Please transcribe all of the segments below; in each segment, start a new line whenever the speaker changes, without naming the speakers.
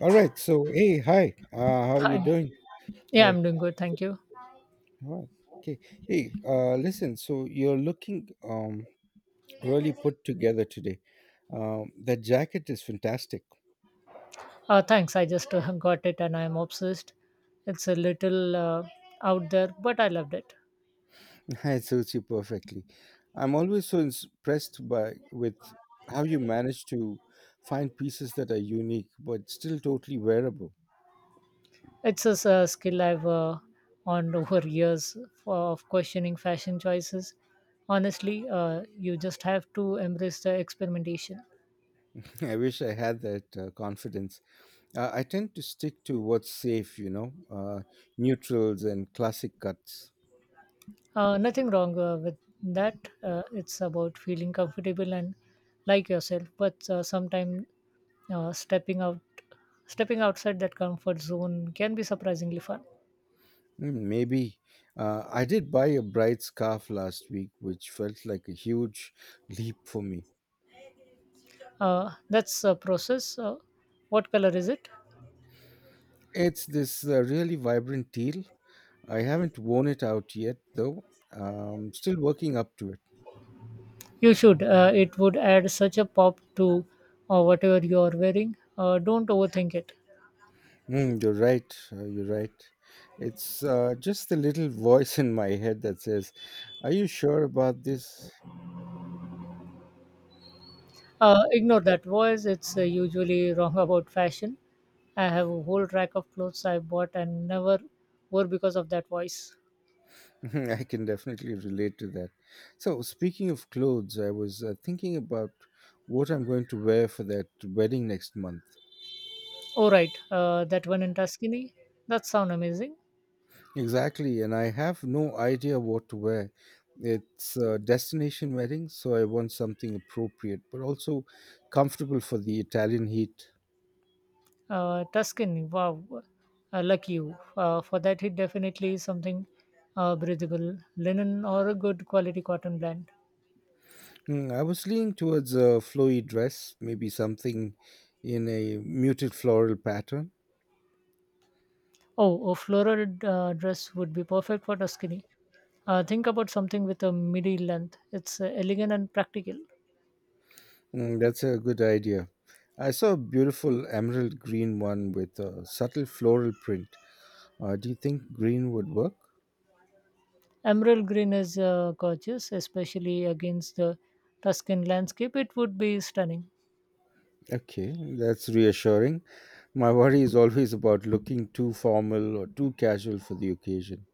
All right. So, hey, hi. How are you
Hi.
doing?
Yeah,
Hi.
I'm doing good. Thank you.
All right. Okay. Hey, listen. So you're looking really put together today. That jacket is fantastic.
Thanks. I just got it and I'm obsessed. It's a little out there, but I loved it.
It suits you perfectly. I'm always so impressed by with how you manage to find pieces that are unique but still totally wearable.
It's a skill I've earned over years of questioning fashion choices. Honestly, you just have to embrace the experimentation.
I wish I had that confidence. I tend to stick to what's safe, you know, neutrals and classic cuts.
Nothing wrong with that. It's about feeling comfortable and like yourself, but sometimes uh, stepping out stepping outside that comfort zone can be surprisingly fun.
Mm, maybe. I did buy a bright scarf last week, which felt like a huge leap for me.
That's a process. What color is it?
It's this really vibrant teal. I haven't worn it out yet, though. Still working up to it.
You should. It would add such a pop to whatever you are wearing. Don't overthink it.
Mm, you're right. You're right. It's just the little voice in my head that says, are you sure about this?
Ignore that voice. It's usually wrong about fashion. I have a whole rack of clothes I bought and never wore because of that voice.
I can definitely relate to that. So, speaking of clothes, I was thinking about what I'm going to wear for that wedding next month.
Oh right, that one in Tuscany, that sound amazing.
Exactly, and I have no idea what to wear. It's a destination wedding, so I want something appropriate but also comfortable for the Italian heat.
Tuscany, wow, lucky you. For that, it definitely is something breathable, linen or a good quality cotton blend.
Mm, I was leaning towards a flowy dress, maybe something in a muted floral pattern.
Oh, a floral dress would be perfect for Tuscany. Think about something with a midi length. It's elegant and practical.
Mm, that's a good idea. I saw a beautiful emerald green one with a subtle floral print. Do you think green would work?
Emerald green is gorgeous, especially against the Tuscan landscape. It would be stunning.
Okay, that's reassuring. My worry is always about looking too formal or too casual for the occasion.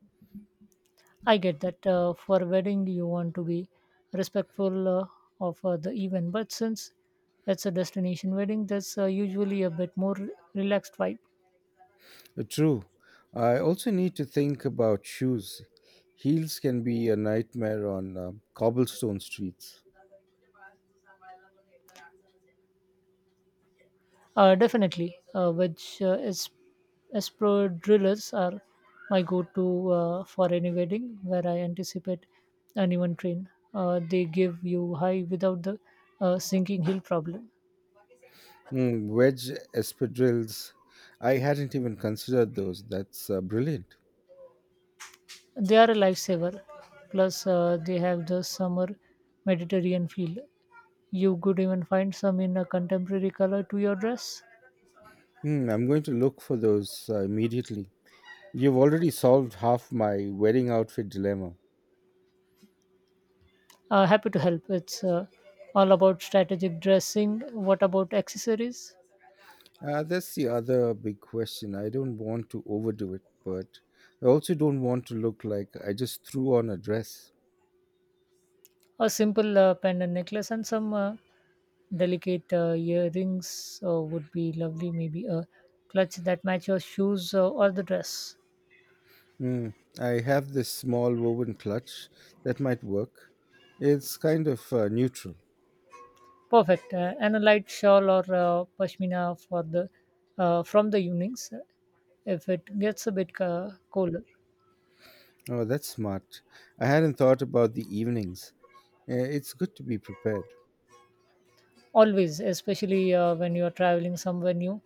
I get that. For a wedding you want to be respectful of the event, but since it's a destination wedding, there's usually a bit more relaxed vibe.
True. I also need to think about shoes. Heels can be a nightmare on cobblestone streets.
Definitely, which is Espro drillers are my go-to for any wedding where I anticipate an even train. They give you high without the sinking hill problem.
Mm, wedge espadrilles. I hadn't even considered those. That's brilliant.
They are a lifesaver. Plus, they have the summer Mediterranean feel. You could even find some in a contemporary color to your dress.
Mm, I'm going to look for those immediately. You've already solved half my wedding outfit dilemma.
Happy to help. It's all about strategic dressing. What about accessories?
That's the other big question. I don't want to overdo it, but I also don't want to look like I just threw on a dress.
A simple pendant necklace and some delicate earrings would be lovely. Maybe a clutch that match your shoes or the dress.
Mm, I have this small woven clutch that might work. It's kind of neutral.
Perfect. And a light shawl or pashmina for the from the evenings if it gets a bit colder.
Oh, that's smart. I hadn't thought about the evenings. It's good to be prepared.
Always, especially when you are traveling somewhere new,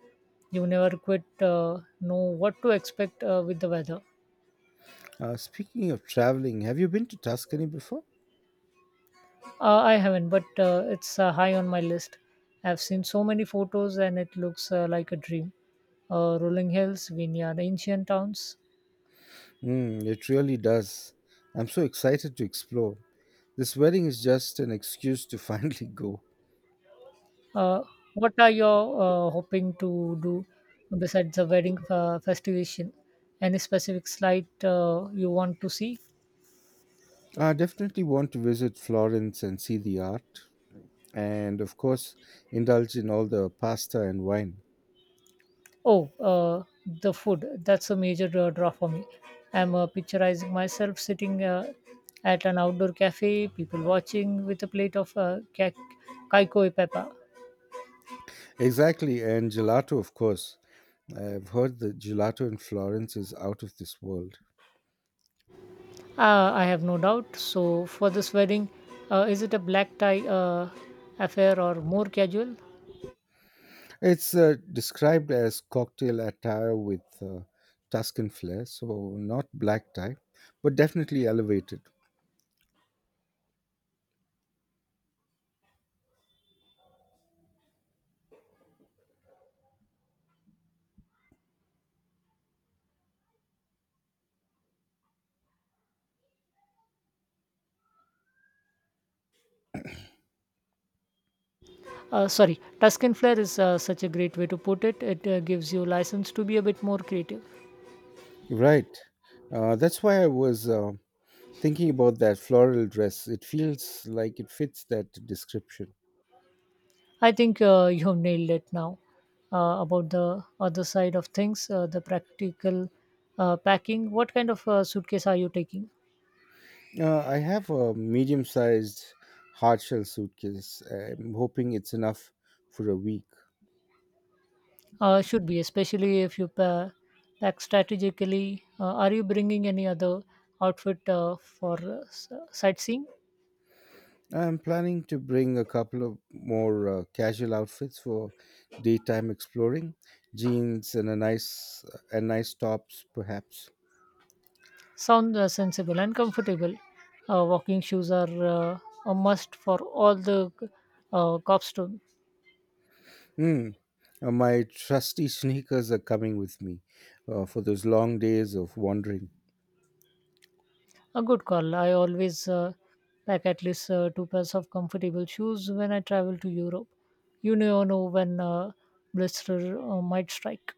you never quite know what to expect with the weather.
Speaking of traveling, have you been to Tuscany before?
I haven't, but it's high on my list. I've seen so many photos and it looks like a dream. Rolling hills, vineyard, ancient towns.
Mm, it really does. I'm so excited to explore. This wedding is just an excuse to finally go.
Uh, what are you hoping to do besides the wedding festivation? Any specific slide you want to see?
I definitely want to visit Florence and see the art, and of course, indulge in all the pasta and wine.
Oh, the food. That's a major draw for me. I'm picturizing myself sitting at an outdoor cafe, people watching with a plate of kaikoi pepper.
Exactly, and gelato, of course. I've heard that gelato in Florence is out of this world.
I have no doubt. So, for this wedding, is it a black tie affair or more casual?
It's described as cocktail attire with Tuscan flair, so not black tie, but definitely elevated.
Sorry, Tusk and Flare is such a great way to put it. It gives you license to be a bit more creative.
Right. That's why I was thinking about that floral dress. It feels like it fits that description.
I think you have nailed it now. About the other side of things, the practical packing. What kind of suitcase are you taking?
I have a medium sized hard shell suitcase. I'm hoping it's enough for a week.
Should be, especially if you pack strategically. Are you bringing any other outfit for sightseeing?
I'm planning to bring a couple of more casual outfits for daytime exploring, jeans and a nice tops perhaps.
Sound sensible and comfortable. Walking shoes are a must for all the cobstone.
Hmm. My trusty sneakers are coming with me for those long days of wandering.
A good call. I always pack at least two pairs of comfortable shoes when I travel to Europe. You never know when a blister might strike.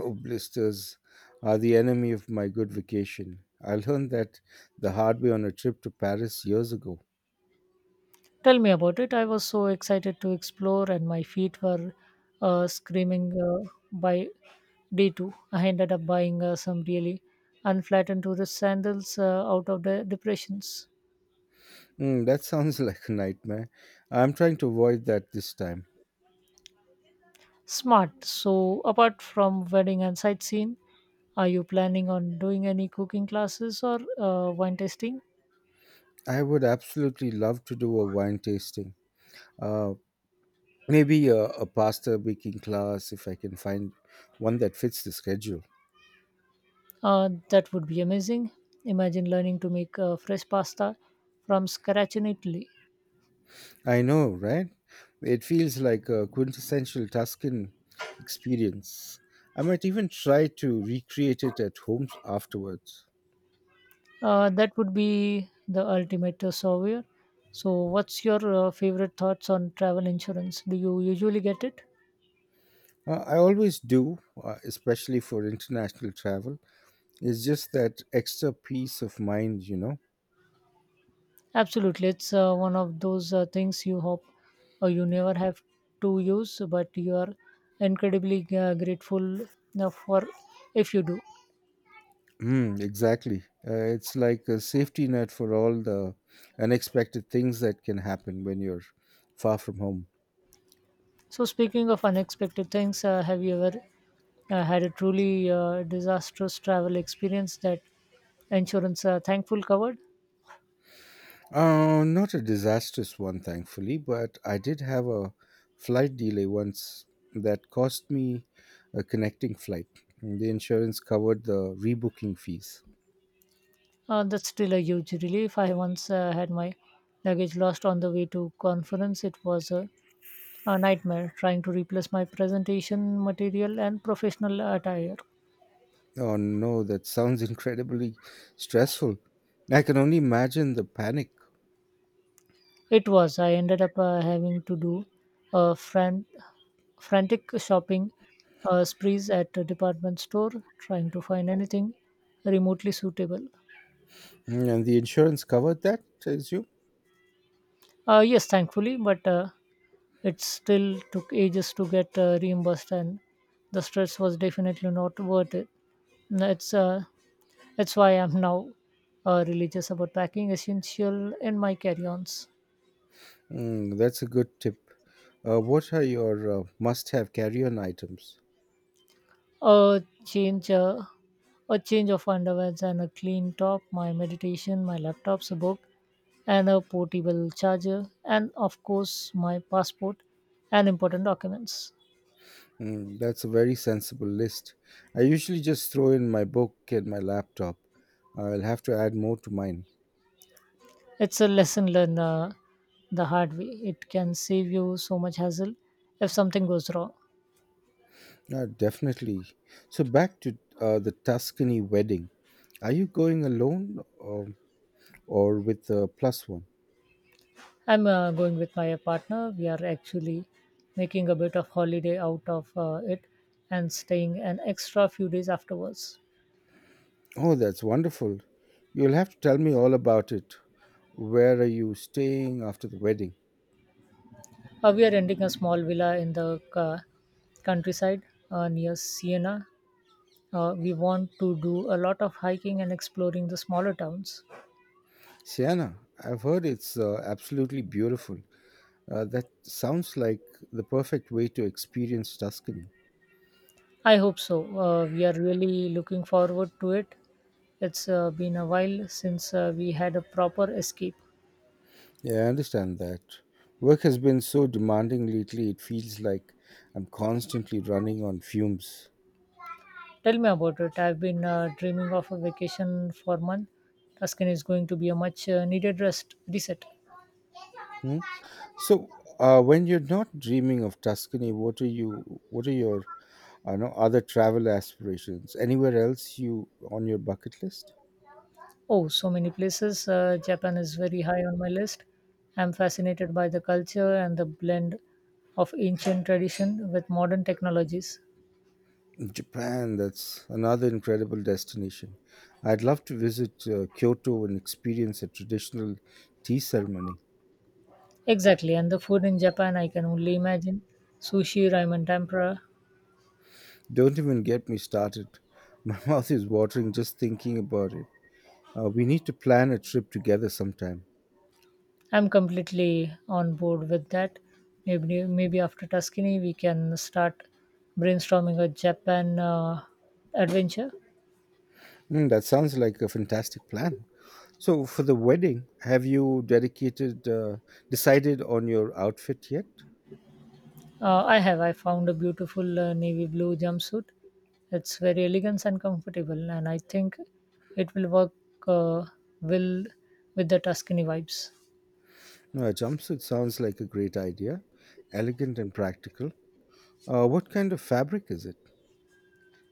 Oh, blisters are the enemy of my good vacation. I learned that the hard way on a trip to Paris years ago.
Tell me about it. I was so excited to explore, and my feet were screaming by day two. I ended up buying some really unflattened tourist sandals out of the depressions.
Mm, that sounds like a nightmare. I'm trying to avoid that this time.
Smart. So, apart from wedding and sightseeing, are you planning on doing any cooking classes or wine tasting?
I would absolutely love to do a wine tasting. Uh, Maybe a pasta baking class if I can find one that fits the schedule.
That would be amazing. Imagine learning to make fresh pasta from scratch in Italy.
I know, right? It feels like a quintessential Tuscan experience. I might even try to recreate it at home afterwards.
That would be the ultimate savior. So, what's your favorite thoughts on travel insurance? Do you usually get it?
I always do, especially for international travel. It's just that extra peace of mind, you know.
Absolutely. It's one of those things you hope you never have to use, but you are incredibly grateful for if you do.
Mm, exactly. It's like a safety net for all the unexpected things that can happen when you're far from home.
So, speaking of unexpected things, have you ever had a truly disastrous travel experience that insurance thankful covered?
Not a disastrous one, thankfully, but I did have a flight delay once that cost me a connecting flight. The insurance covered the rebooking fees.
That's still a huge relief. I once had my luggage lost on the way to conference. It was a nightmare trying to replace my presentation material and professional attire.
Oh no, that sounds incredibly stressful. I can only imagine the panic.
It was. I ended up having to do a frantic shopping sprees at a department store, trying to find anything remotely suitable.
Mm, and the insurance covered that, I assume?
Yes, thankfully, but it still took ages to get reimbursed, and the stress was definitely not worth it. That's uh, that's why I'm now religious about packing essential in my carry-ons.
Mm, that's a good tip. What are your must have carry on items?
Change. A change of underwears and a clean top, my meditation, my laptop's a book, and a portable charger, and of course, my passport and important documents.
Mm, that's a very sensible list. I usually just throw in my book and my laptop. I'll have to add more to mine.
It's a lesson learned the hard way. It can save you so much hassle if something goes wrong.
Definitely. So, back to the Tuscany wedding. Are you going alone um, or with a plus one?
I'm going with my partner. We are actually making a bit of holiday out of it and staying an extra few days afterwards.
Oh, that's wonderful. You'll have to tell me all about it. Where are you staying after the wedding?
We are renting a small villa in the countryside near Siena. We want to do a lot of hiking and exploring the smaller towns.
Sienna, I've heard it's absolutely beautiful. That sounds like the perfect way to experience Tuscany.
I hope so. We are really looking forward to it. It's been a while since we had a proper escape.
Yeah, I understand that. Work has been so demanding lately, it feels like I'm constantly running on fumes.
Tell me about it. I've been dreaming of a vacation for a month. Tuscan is going to be a much needed rest reset.
Hmm? So, when you're not dreaming of Tuscany, what are you? What are your, I know, other travel aspirations? Anywhere else you on your bucket list?
Oh, so many places. Japan is very high on my list. I'm fascinated by the culture and the blend of ancient tradition with modern technologies.
Japan, that's another incredible destination. I'd love to visit Kyoto and experience a traditional tea ceremony.
Exactly, and the food in Japan I can only imagine. Sushi, ramen, tempura.
Don't even get me started. My mouth is watering just thinking about it. We need to plan a trip together sometime.
I'm completely on board with that. Maybe after Tuscany we can start brainstorming a Japan adventure.
Mm, that sounds like a fantastic plan. So, for the wedding, have you decided on your outfit yet?
I have. I found a beautiful navy blue jumpsuit. It's very elegant and comfortable, and I think it will work uh, well with the Tuscany vibes.
No, a jumpsuit sounds like a great idea, elegant and practical. What kind of fabric is it?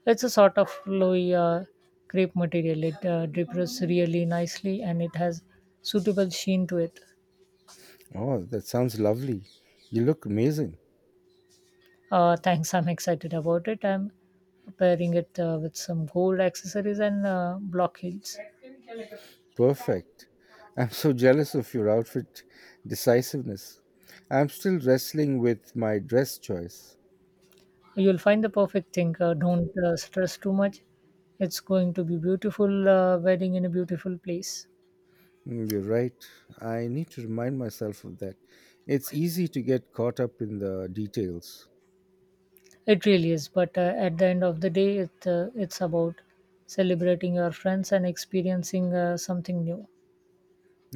It's a sort of flowy crepe material. It drips really nicely, and it has suitable sheen to it.
Oh, that sounds lovely. You look amazing.
Thanks. I'm excited about it. I'm pairing it with some gold accessories and block heels.
Perfect. I'm so jealous of your outfit decisiveness. I'm still wrestling with my dress choice.
You'll find the perfect thing. Don't stress too much. It's going to be beautiful wedding in a beautiful place.
Mm, you're right. I need to remind myself of that. It's easy to get caught up in the details.
It really is. But at the end of the day, it's about celebrating your friends and experiencing something new.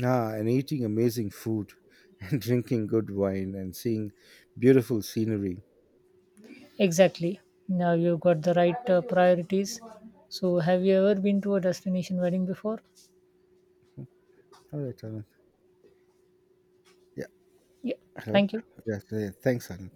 Ah, and eating amazing food and drinking good wine and seeing beautiful scenery.
Exactly. Now you've got the right priorities. So, have you ever been to a destination wedding before?
All right, Anand. Yeah.
Yeah.
Hello.
Thank you.
Yes. Thanks, Anand.